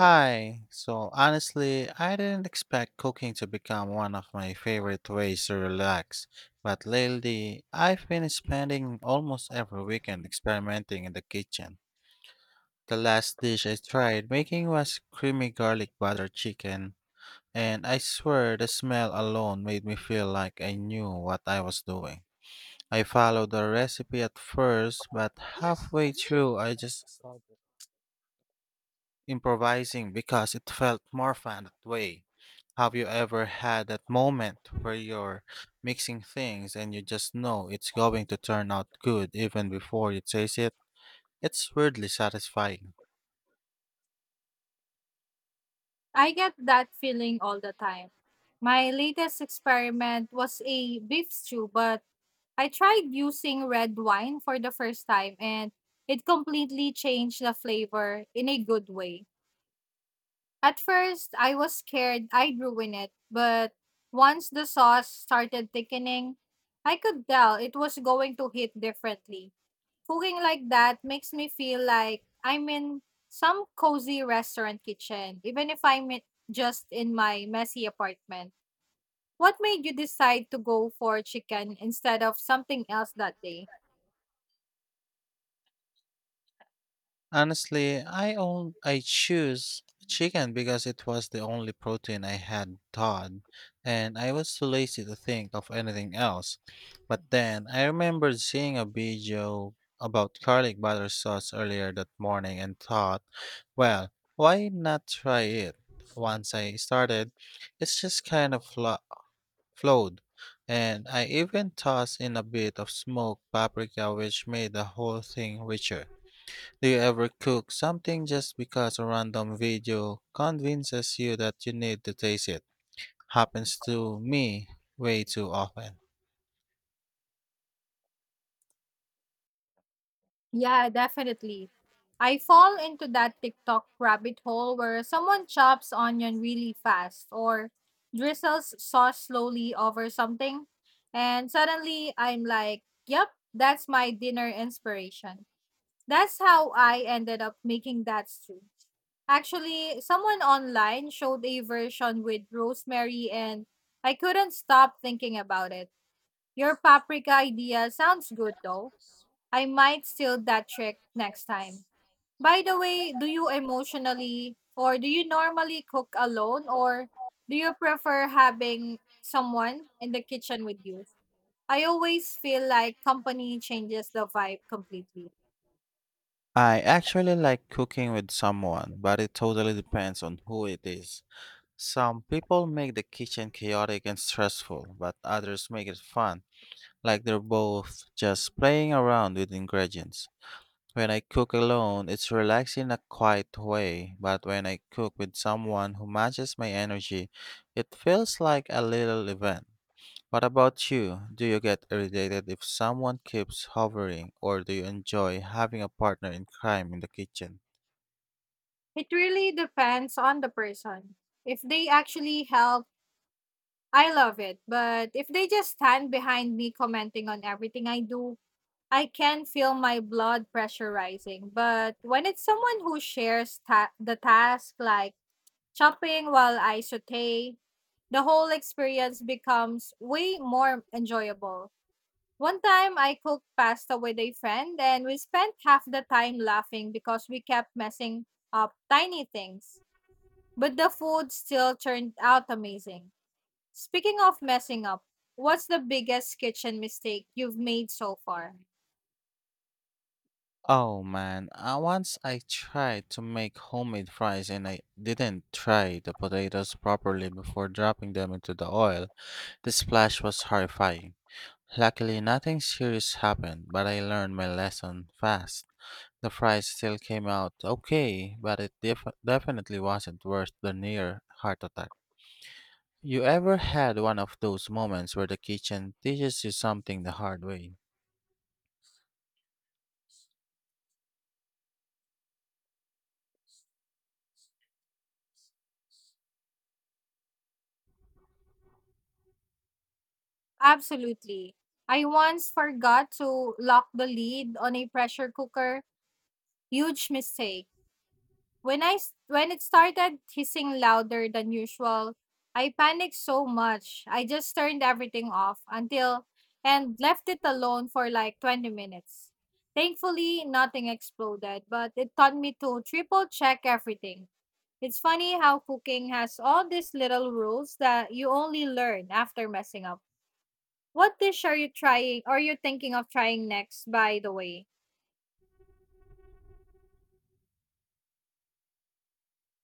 Hi. So honestly, I didn't expect cooking to become one of my favorite ways to relax, but lately I've been spending almost every weekend experimenting in the kitchen. The last dish I tried making was creamy garlic butter chicken, and I swear the smell alone made me feel like I knew what I was doing. I followed the recipe at first, but halfway through I just improvising because it felt more fun that way. Have you ever had that moment where you're mixing things and you just know it's going to turn out good even before you taste it? It's weirdly satisfying. I get that feeling all the time. My latest experiment was a beef stew, but I tried using red wine for the first time and it completely changed the flavor in a good way. At first, I was scared I'd ruin it, but once the sauce started thickening, I could tell it was going to hit differently. Cooking like that makes me feel like I'm in some cozy restaurant kitchen, even if just in my messy apartment. What made you decide to go for chicken instead of something else that day? Honestly, I choose chicken because it was the only protein I had thawed, and I was too lazy to think of anything else. But then I remembered seeing a video about garlic butter sauce earlier that morning and thought, well, why not try it? Once I started, it's just kind of flowed, and I even tossed in a bit of smoked paprika, which made the whole thing richer. Do you ever cook something just because a random video convinces you that you need to taste it? Happens to me way too often. Yeah, definitely. I fall into that TikTok rabbit hole where someone chops onion really fast or drizzles sauce slowly over something. And suddenly I'm like, yep, that's my dinner inspiration. That's how I ended up making that stew. Actually, someone online showed a version with rosemary and I couldn't stop thinking about it. Your paprika idea sounds good though. I might steal that trick next time. By the way, do you normally cook alone or do you prefer having someone in the kitchen with you? I always feel like company changes the vibe completely. I actually like cooking with someone, but it totally depends on who it is. Some people make the kitchen chaotic and stressful, but others make it fun, like they're both just playing around with ingredients. When I cook alone, it's relaxing in a quiet way, but when I cook with someone who matches my energy, it feels like a little event. What about you? Do you get irritated if someone keeps hovering, or do you enjoy having a partner in crime in the kitchen? It really depends on the person. If they actually help, I love it. But if they just stand behind me commenting on everything I do, I can feel my blood pressure rising. But when it's someone who shares the task, like shopping while I saute, the whole experience becomes way more enjoyable. One time I cooked pasta with a friend and we spent half the time laughing because we kept messing up tiny things. But the food still turned out amazing. Speaking of messing up, what's the biggest kitchen mistake you've made so far? Oh man, once I tried to make homemade fries and I didn't try the potatoes properly before dropping them into the oil. The splash was horrifying. Luckily, nothing serious happened, but I learned my lesson fast. The fries still came out okay, but it definitely wasn't worse than near heart attack. You ever had one of those moments where the kitchen teaches you something the hard way? Absolutely. I once forgot to lock the lid on a pressure cooker. Huge mistake. When it started hissing louder than usual, I panicked so much. I just turned everything off until and left it alone for like 20 minutes. Thankfully, nothing exploded, but it taught me to triple check everything. It's funny how cooking has all these little rules that you only learn after messing up. What dish are you trying or you thinking of trying next, by the way?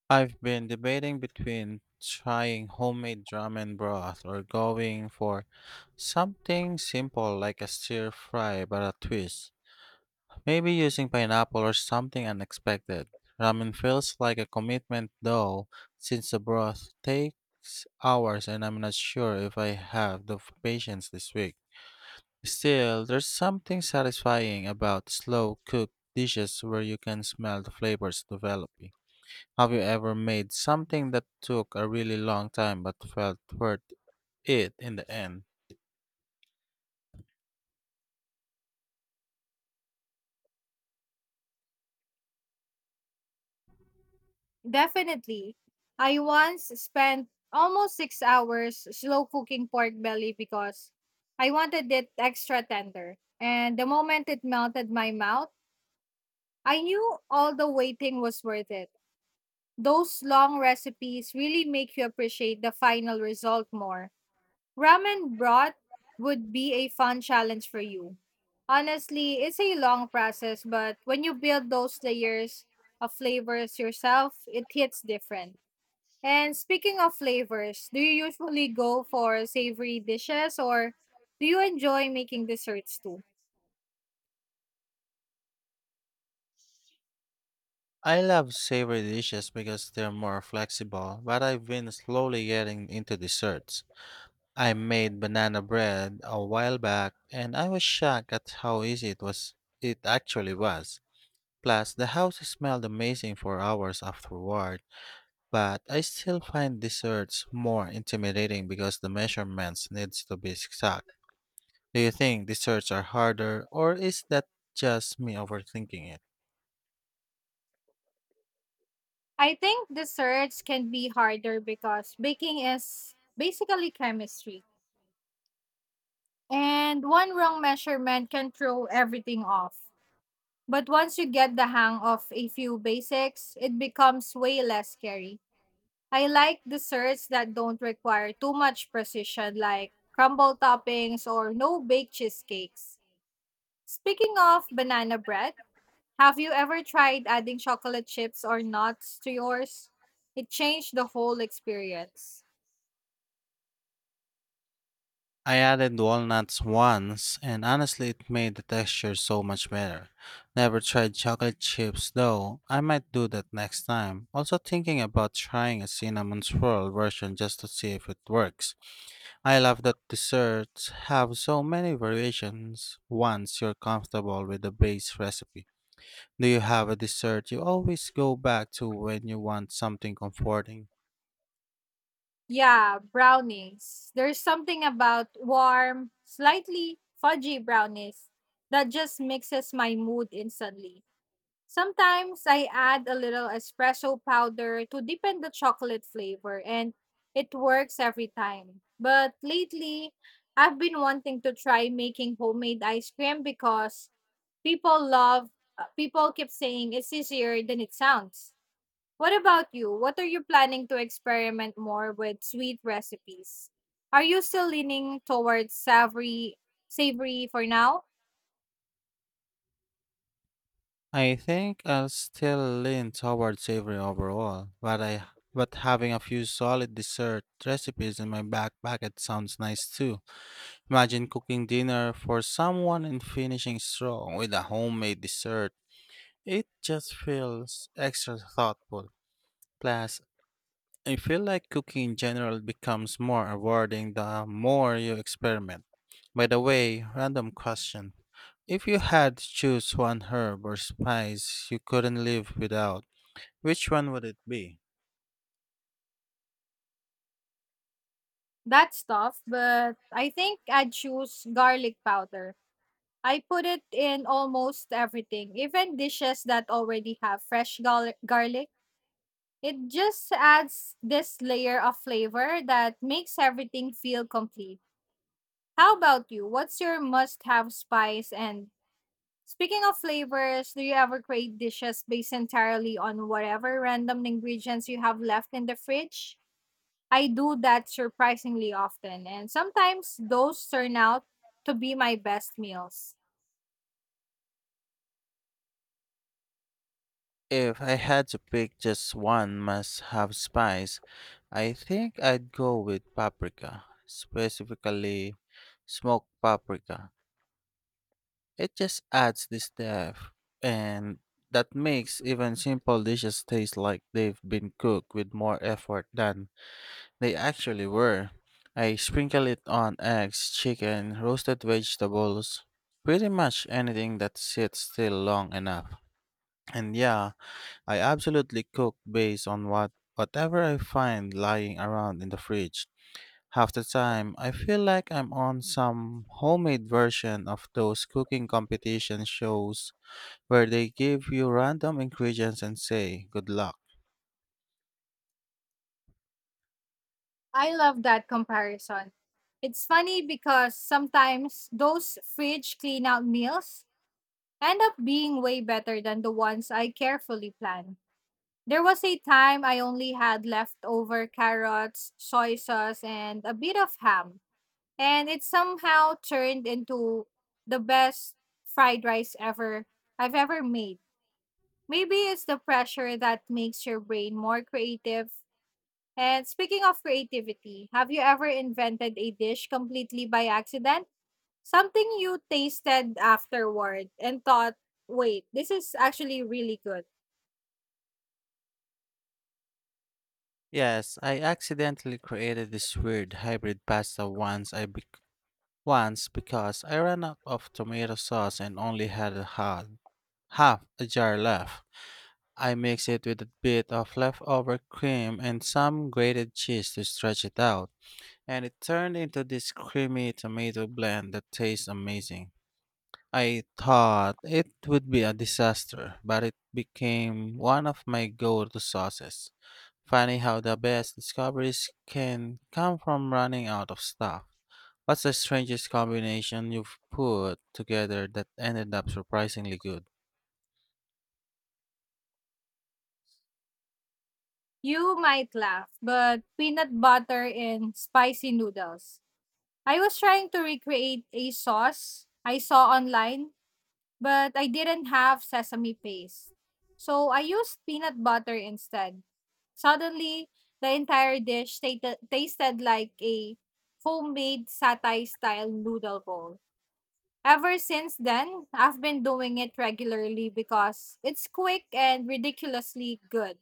I've been debating between trying homemade ramen broth or going for something simple like a stir fry but a twist. Maybe using pineapple or something unexpected. Ramen feels like a commitment though, since the broth takes hours and I'm not sure if I have the patience this week. Still, there's something satisfying about slow cooked dishes where you can smell the flavors developing. Have you ever made something that took a really long time but felt worth it in the end? Definitely. I once spent almost 6 hours slow cooking pork belly because I wanted it extra tender. And the moment it melted my mouth, I knew all the waiting was worth it. Those long recipes really make you appreciate the final result more. Ramen broth would be a fun challenge for you. Honestly, it's a long process, but when you build those layers of flavors yourself, it hits different. And speaking of flavors, do you usually go for savory dishes or do you enjoy making desserts too? I love savory dishes because they're more flexible, but I've been slowly getting into desserts. I made banana bread a while back and I was shocked at how easy it actually was. Plus the house smelled amazing for hours afterward, but I still find desserts more intimidating because the measurements needs to be exact. Do you think desserts are harder or is that just me overthinking it? I think desserts can be harder because baking is basically chemistry. And one wrong measurement can throw everything off. But once you get the hang of a few basics, it becomes way less scary. I like desserts that don't require too much precision, like crumble toppings or no bake cheesecakes. Speaking of banana bread, have you ever tried adding chocolate chips or nuts to yours? It changed the whole experience. I added walnuts once, and honestly, it made the texture so much better. Never tried chocolate chips though. I might do that next time. Also, thinking about trying a cinnamon swirl version just to see if it works. I love that desserts have so many variations once you're comfortable with the base recipe. Do you have a dessert you always go back to when you want something comforting? Yeah, brownies. There's something about warm, slightly fudgy brownies that just mixes my mood instantly. Sometimes I add a little espresso powder to deepen the chocolate flavor, and it works every time. But lately, I've been wanting to try making homemade ice cream because people love, people keep saying it's easier than it sounds. What about you? What are you planning to experiment more with sweet recipes? Are you still leaning towards savory for now? I think I'll still lean toward savory overall, but having a few solid dessert recipes in my back pocket sounds nice too. Imagine cooking dinner for someone and finishing strong with a homemade dessert. It just feels extra thoughtful. Plus, I feel like cooking in general becomes more rewarding the more you experiment. By the way, random question. If you had to choose one herb or spice you couldn't live without, which one would it be? That's tough, but I think I'd choose garlic powder. I put it in almost everything, even dishes that already have fresh garlic. It just adds this layer of flavor that makes everything feel complete. How about you? What's your must have spice? And speaking of flavors, do you ever create dishes based entirely on whatever random ingredients you have left in the fridge? I do that surprisingly often, and sometimes those turn out to be my best meals. If I had to pick just one must have spice, I think I'd go with paprika, specifically smoked paprika. It just adds this depth, and that makes even simple dishes taste like they've been cooked with more effort than they actually were. I sprinkle it on eggs, chicken, roasted vegetables, pretty much anything that sits still long enough. And yeah, I absolutely cook based on what whatever I find lying around in the fridge. Half the time, I feel like I'm on some homemade version of those cooking competition shows where they give you random ingredients and say, good luck. I love that comparison. It's funny because sometimes those fridge clean out meals end up being way better than the ones I carefully plan. There was a time I only had leftover carrots, soy sauce, and a bit of ham, and it somehow turned into the best fried rice ever I've ever made. Maybe it's the pressure that makes your brain more creative. And speaking of creativity, have you ever invented a dish completely by accident? Something you tasted afterward and thought, wait, this is actually really good. Yes, I accidentally created this weird hybrid pasta once because I ran out of tomato sauce and only had half a jar left. I mixed it with a bit of leftover cream and some grated cheese to stretch it out. And it turned into this creamy tomato blend that tastes amazing. I thought it would be a disaster, but it became one of my go to sauces. Funny how the best discoveries can come from running out of stuff. What's the strangest combination you've put together that ended up surprisingly good? You might laugh, but peanut butter in spicy noodles. I was trying to recreate a sauce I saw online but I didn't have sesame paste. So I used peanut butter instead. Suddenly, the entire dish tasted like a homemade satay style noodle bowl. Ever since then, I've been doing it regularly because it's quick and ridiculously good.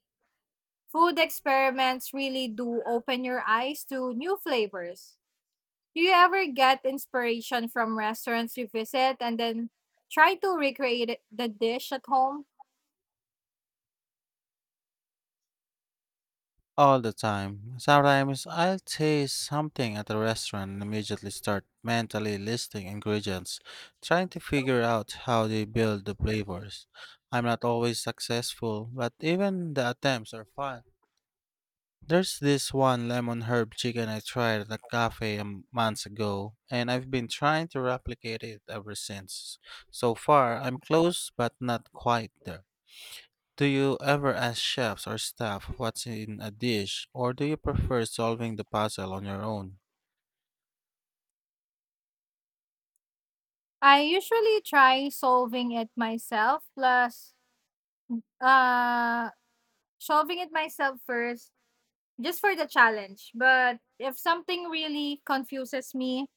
Food experiments really do open your eyes to new flavors. Do you ever get inspiration from restaurants you visit and then try to the dish at home? All the time. Sometimes I'll taste something at a restaurant and immediately start mentally listing ingredients, trying to figure out how they build the flavors. I'm not always successful, but even the attempts are fun. There's this one lemon herb chicken I tried at a cafe months ago, and I've been trying to replicate it ever since. So far, I'm close but not quite there. Do you ever ask chefs or staff what's in a dish, or do you prefer solving the puzzle on your own? I usually try uh solving it myself first just for the challenge. But if something really confuses me,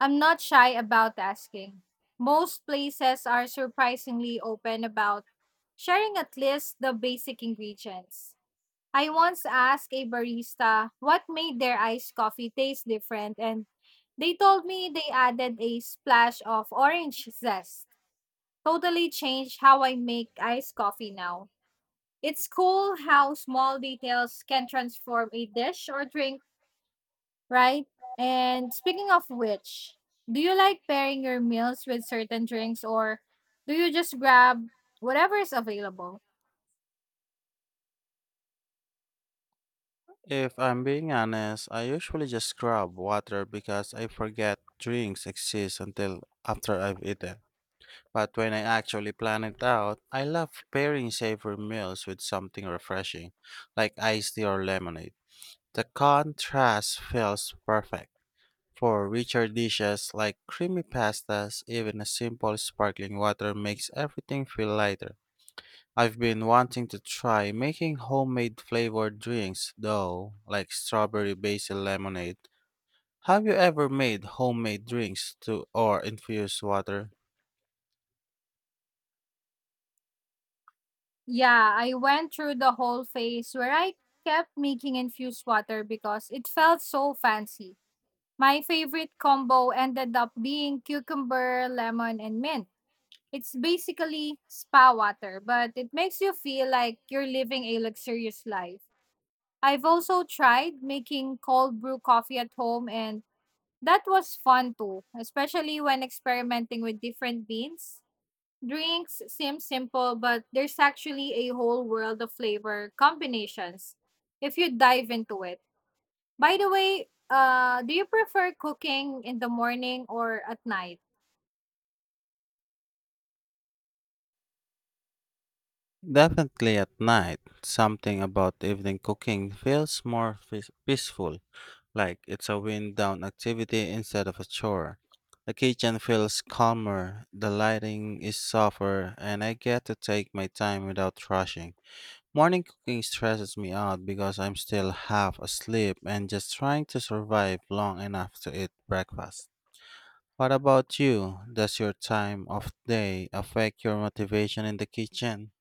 I'm not shy about asking. Most places are surprisingly open about sharing at least the basic ingredients. I once asked a barista what made their iced coffee taste different, and they told me they added a splash of orange zest. Totally changed how I make iced coffee now. It's cool how small details can transform a dish or drink, right? And speaking of which, do you like pairing your meals with certain drinks or do you just grab whatever is available? If I'm being honest, I usually just grab water because I forget drinks exist until after I've eaten. But when I actually plan it out, I love pairing savory meals with something refreshing, like iced tea or lemonade. The contrast feels perfect. For richer dishes like creamy pastas, even a simple sparkling water makes everything feel lighter. I've been wanting to try making homemade flavored drinks, though, like strawberry basil lemonade. Have you ever made homemade drinks to or infused water? Yeah, I went through the whole phase where I kept making infused water because it felt so fancy. My favorite combo ended up being cucumber, lemon, and mint. It's basically spa water, but it makes you feel like you're living a luxurious life. I've also tried making cold brew coffee at home, and that was fun too, especially when experimenting with different beans. Drinks seem simple, but there's actually a whole world of flavor combinations if you dive into it. By the way, do you prefer cooking in the morning or at night? Definitely at night. Something about evening cooking feels more peaceful, like it's a wind down activity instead of a chore. The kitchen feels calmer, the lighting is softer, and I get to take my time without rushing. Morning cooking stresses me out because I'm still half asleep and just trying to survive long enough to eat breakfast. What about you? Does your time of day affect your motivation in the kitchen?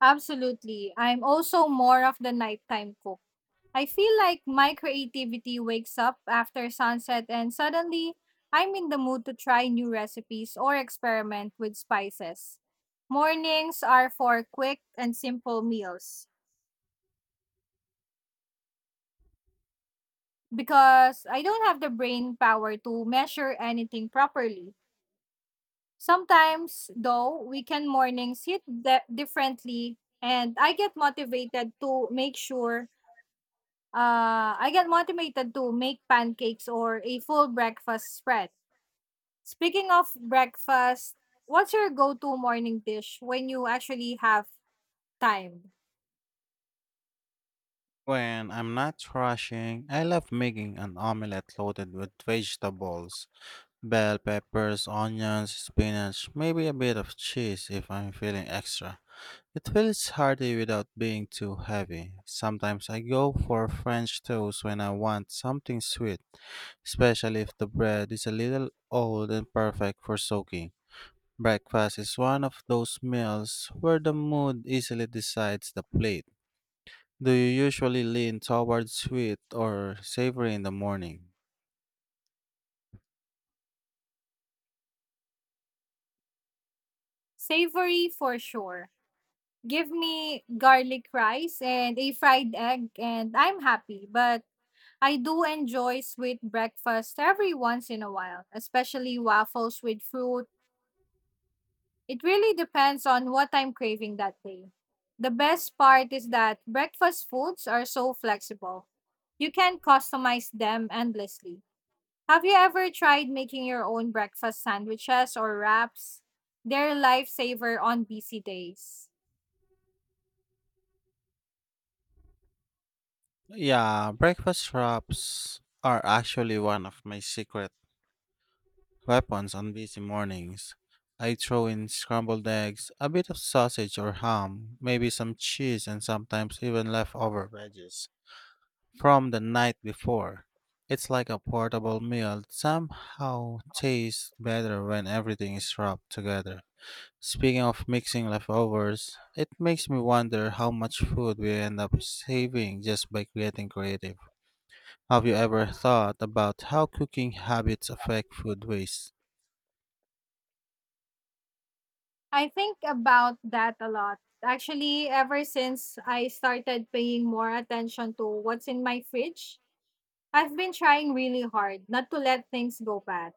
Absolutely. I'm also more of the nighttime cook. I feel like my creativity wakes up after sunset and suddenly I'm in the mood to try new recipes or experiment with spices. Mornings are for quick and simple meals because I don't have the brain power to measure anything properly. Sometimes, though, weekend mornings differently, and I get motivated to make sure. I get motivated to make pancakes or a full breakfast spread. Speaking of breakfast, what's your go-to morning dish when you actually have time? When I'm not rushing, I love making an omelette loaded with vegetables. Bell peppers, onions, spinach, maybe a bit of cheese if I'm feeling extra. It feels hearty without being too heavy. Sometimes I go for French toast when I want something sweet, especially if the bread is a little old and perfect for soaking. Breakfast is one of those meals where the mood easily decides the plate. Do you usually lean towards sweet or savory in the morning? Savory for sure. Give me garlic rice and a fried egg, and I'm happy. But I do enjoy sweet breakfast every once in a while, especially waffles with fruit. It really depends on what I'm craving that day. The best part is that breakfast foods are so flexible. You can customize them endlessly. Have you ever tried making your own breakfast sandwiches or wraps? They're a lifesaver on busy days. Yeah, breakfast wraps are actually one of my secret weapons on busy mornings. I throw in scrambled eggs, a bit of sausage or ham, maybe some cheese, and sometimes even leftover veggies from the night before. It's like a portable meal that somehow tastes better when everything is wrapped together. Speaking of mixing leftovers, it makes me wonder how much food we end up saving just by creating creative. Have you ever thought about how cooking habits affect food waste? I think about that a lot. Actually, ever since I started paying more attention to what's in my fridge, I've been trying really hard not to let things go bad.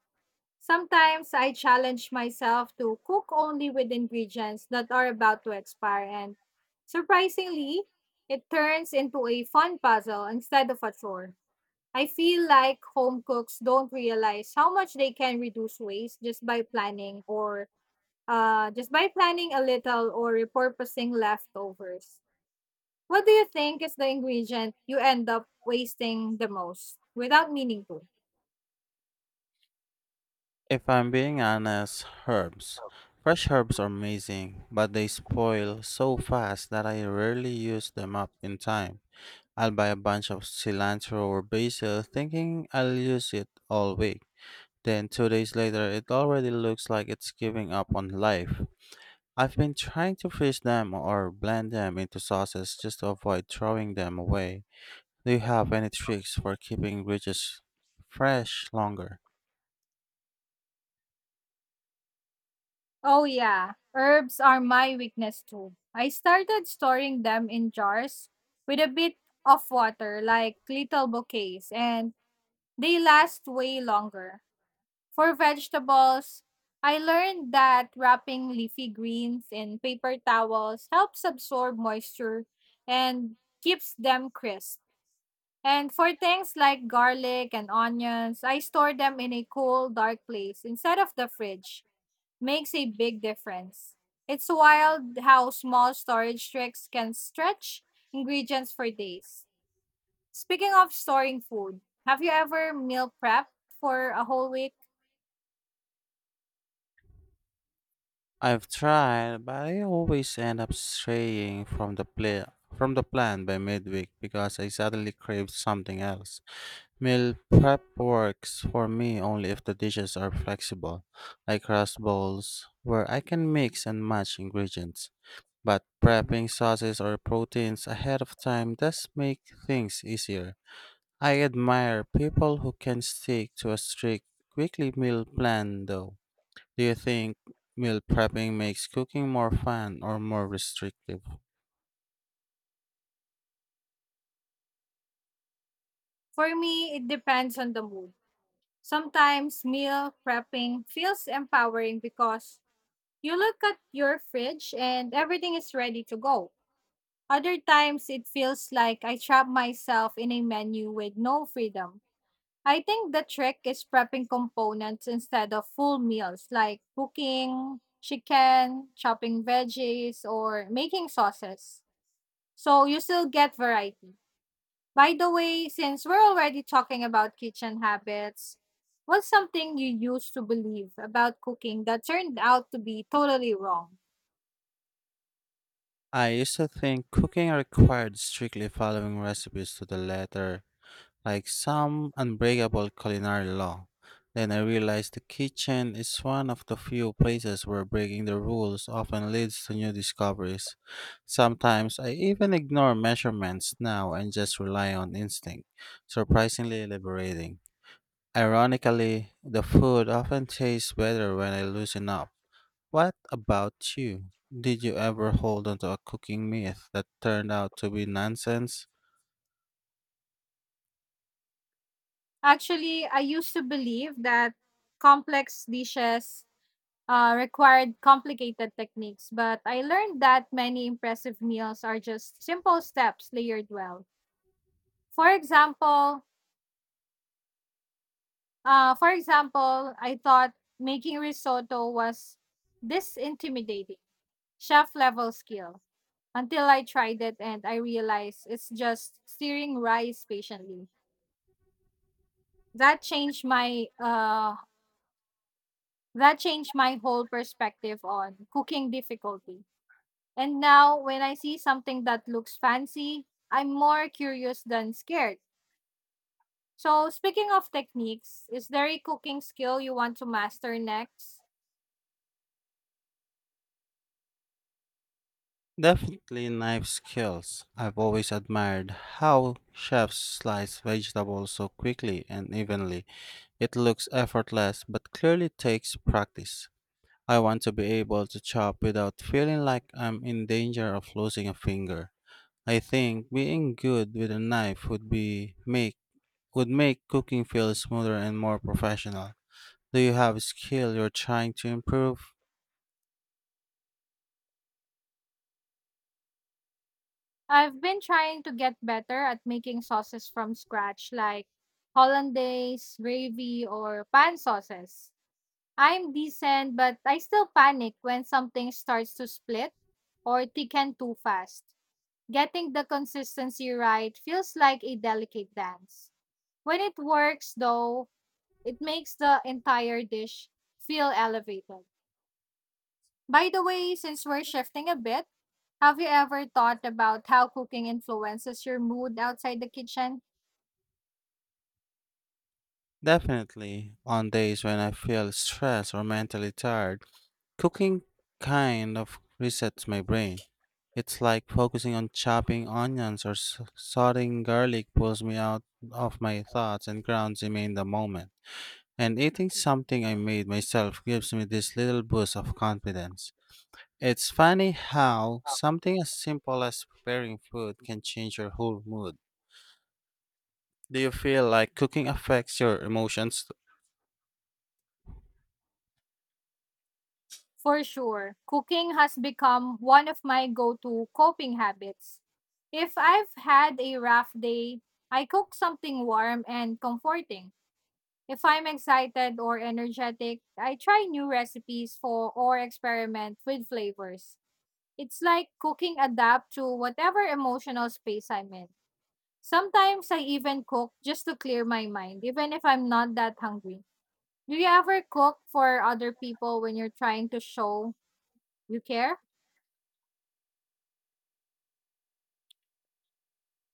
Sometimes I challenge myself to cook only with ingredients that are about to expire, and surprisingly, it turns into a fun puzzle instead of a chore. I feel like home cooks don't realize how much they can reduce waste just by planning or just by planning a little or repurposing leftovers. What do you think is the ingredient you end up wasting the most without meaning to? If I'm being honest, herbs. Fresh herbs are amazing, but they spoil so fast that I rarely use them up in time. I'll buy a bunch of cilantro or basil thinking I'll use it all week. Then two days later, it already looks like it's giving up on life. I've been trying to freeze them or blend them into sauces just to avoid throwing them away. Do you have any tricks for keeping bridges fresh longer? Oh, yeah. Herbs are my weakness too. I started storing them in jars with a bit of water, like little bouquets, and they last way longer. For vegetables, I learned that wrapping leafy greens in paper towels helps absorb moisture and keeps them crisp. And for things like garlic and onions, I store them in a cool, dark place instead of the fridge. Makes a big difference. It's wild how small storage tricks can stretch ingredients for days. Speaking of storing food, have you ever meal prepped for a whole week? I've tried, but I always end up straying from the play from the plan by midweek because I suddenly crave something else. Meal prep works for me only if the dishes are flexible, like rice bowls, where I can mix and match ingredients. But prepping sauces or proteins ahead of time does make things easier. I admire people who can stick to a strict weekly meal plan, though. Do you think meal prepping makes cooking more fun or more restrictive? For me, it depends on the mood. Sometimes meal prepping feels empowering because you look at your fridge and everything is ready to go. Other times, it feels like I trap myself in a menu with no freedom. I think the trick is prepping components instead of full meals like cooking chicken, chopping veggies, or making sauces. So you still get variety. By the way, since we're already talking about kitchen habits, what's something you used to believe about cooking that turned out to be totally wrong? I used to think cooking required strictly following recipes to the letter, like some unbreakable culinary law. Then I realized the kitchen is one of the few places where breaking the rules often leads to new discoveries. Sometimes I even ignore measurements now and just rely on instinct. Surprisingly liberating. Ironically, the food often tastes better when I loosen up. What about you? Did you ever hold onto a cooking myth that turned out to be nonsense? Actually, I used to believe that complex dishes required complicated techniques, but I learned that many impressive meals are just simple steps layered well. For example, for example, I thought making risotto was this intimidating chef level skill until I tried it and I realized it's just stirring rice patiently. That changed my uh that changed my whole perspective on cooking difficulty. And now when I see something that looks fancy, I'm more curious than scared. So speaking of techniques, is there a cooking skill you want to master next? Definitely knife skills. I've always admired how chefs slice vegetables so quickly and evenly. It looks effortless, but clearly takes practice. I want to be able to chop without feeling like I'm in danger of losing a finger. I think being good with a knife would make cooking feel smoother and more professional. Do you have a skill you're trying to improve? I've been trying to get better at making sauces from scratch like hollandaise, gravy, or pan sauces. I'm decent, but I still panic when something starts to split or thicken too fast. Getting the consistency right feels like a delicate dance. When it works, though, it makes the entire dish feel elevated. By the way, since we're shifting a bit, have you ever thought about how cooking influences your mood outside the kitchen? Definitely. On days when I feel stressed or mentally tired, cooking kind of resets my brain. It's like focusing on chopping onions or sauteing garlic pulls me out of my thoughts and grounds me in the moment. And eating something I made myself gives me this little boost of confidence. It's funny how something as simple as preparing food can change your whole mood. Do you feel like cooking affects your emotions? For sure, cooking has become one of my go to coping habits. If I've had a rough day, I cook something warm and comforting. If I'm excited or energetic, I try new recipes for or experiment with flavors. It's like cooking adapt to whatever emotional space I'm in. Sometimes I even cook just to clear my mind, even if I'm not that hungry. Do you ever cook for other people when you're trying to show you care?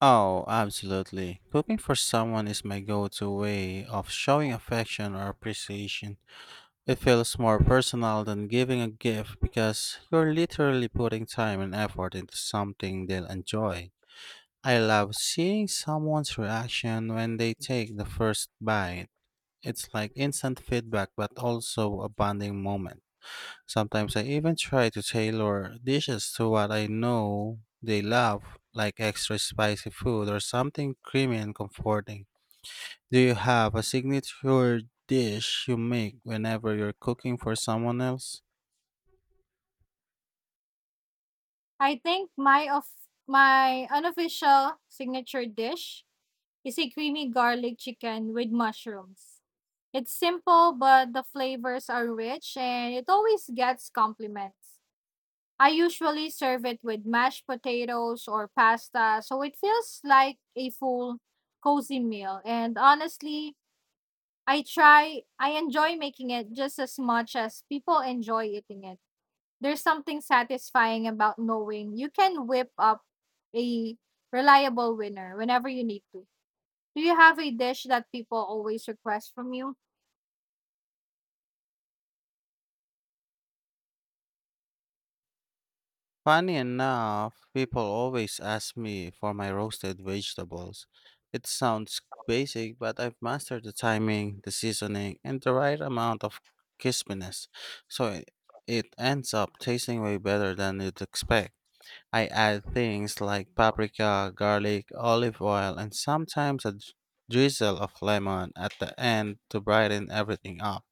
Oh, absolutely. Cooking for someone is my go to way of showing affection or appreciation. It feels more personal than giving a gift because you're literally putting time and effort into something they'll enjoy. I love seeing someone's reaction when they take the first bite. It's like instant feedback, but also a bonding moment. Sometimes I even try to tailor dishes to what I know they love, like extra spicy food or something creamy and comforting. Do you have a signature dish you make whenever you're cooking for someone else? I think my of my unofficial signature dish is a creamy garlic chicken with mushrooms. It's simple, but the flavors are rich and it always gets compliments. I usually serve it with mashed potatoes or pasta, so it feels like a full, cozy meal. And honestly, I enjoy making it just as much as people enjoy eating it. There's something satisfying about knowing you can whip up a reliable winner whenever you need to. Do you have a dish that people always request from you? Funny enough, people always ask me for my roasted vegetables. It sounds basic, but I've mastered the timing, the seasoning, and the right amount of crispiness, so it ends up tasting way better than you'd expect. I add things like paprika, garlic, olive oil, and sometimes a drizzle of lemon at the end to brighten everything up.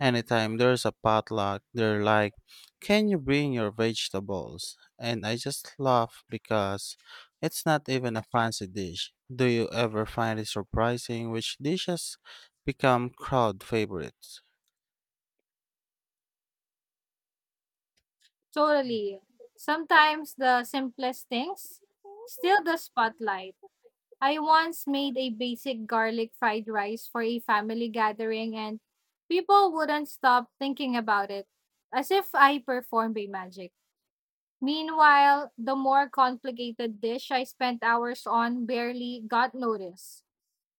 Anytime there's a potluck, they're like, "Can you bring your vegetables?" And I just laugh because it's not even a fancy dish. Do you ever find it surprising which dishes become crowd favorites? Totally. Sometimes the simplest things steal the spotlight. I once made a basic garlic fried rice for a family gathering and people wouldn't stop thinking about it as if I performed a magic. Meanwhile, the more complicated dish I spent hours on barely got noticed.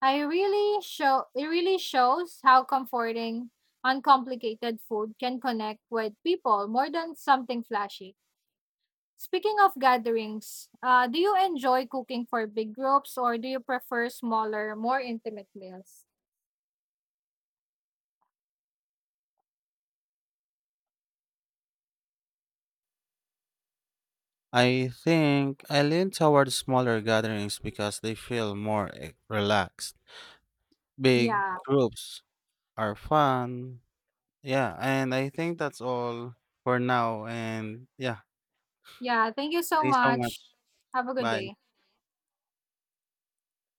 I really show it really shows how comforting uncomplicated food can connect with people more than something flashy. Speaking of gatherings, do you enjoy cooking for big groups or do you prefer smaller, more intimate meals? I think I lean toward smaller gatherings because they feel more relaxed. Big Yeah. groups are fun. Yeah, and I think that's all for now, and yeah, Yeah, thank you so thanks so much. much. Have a good Bye. day.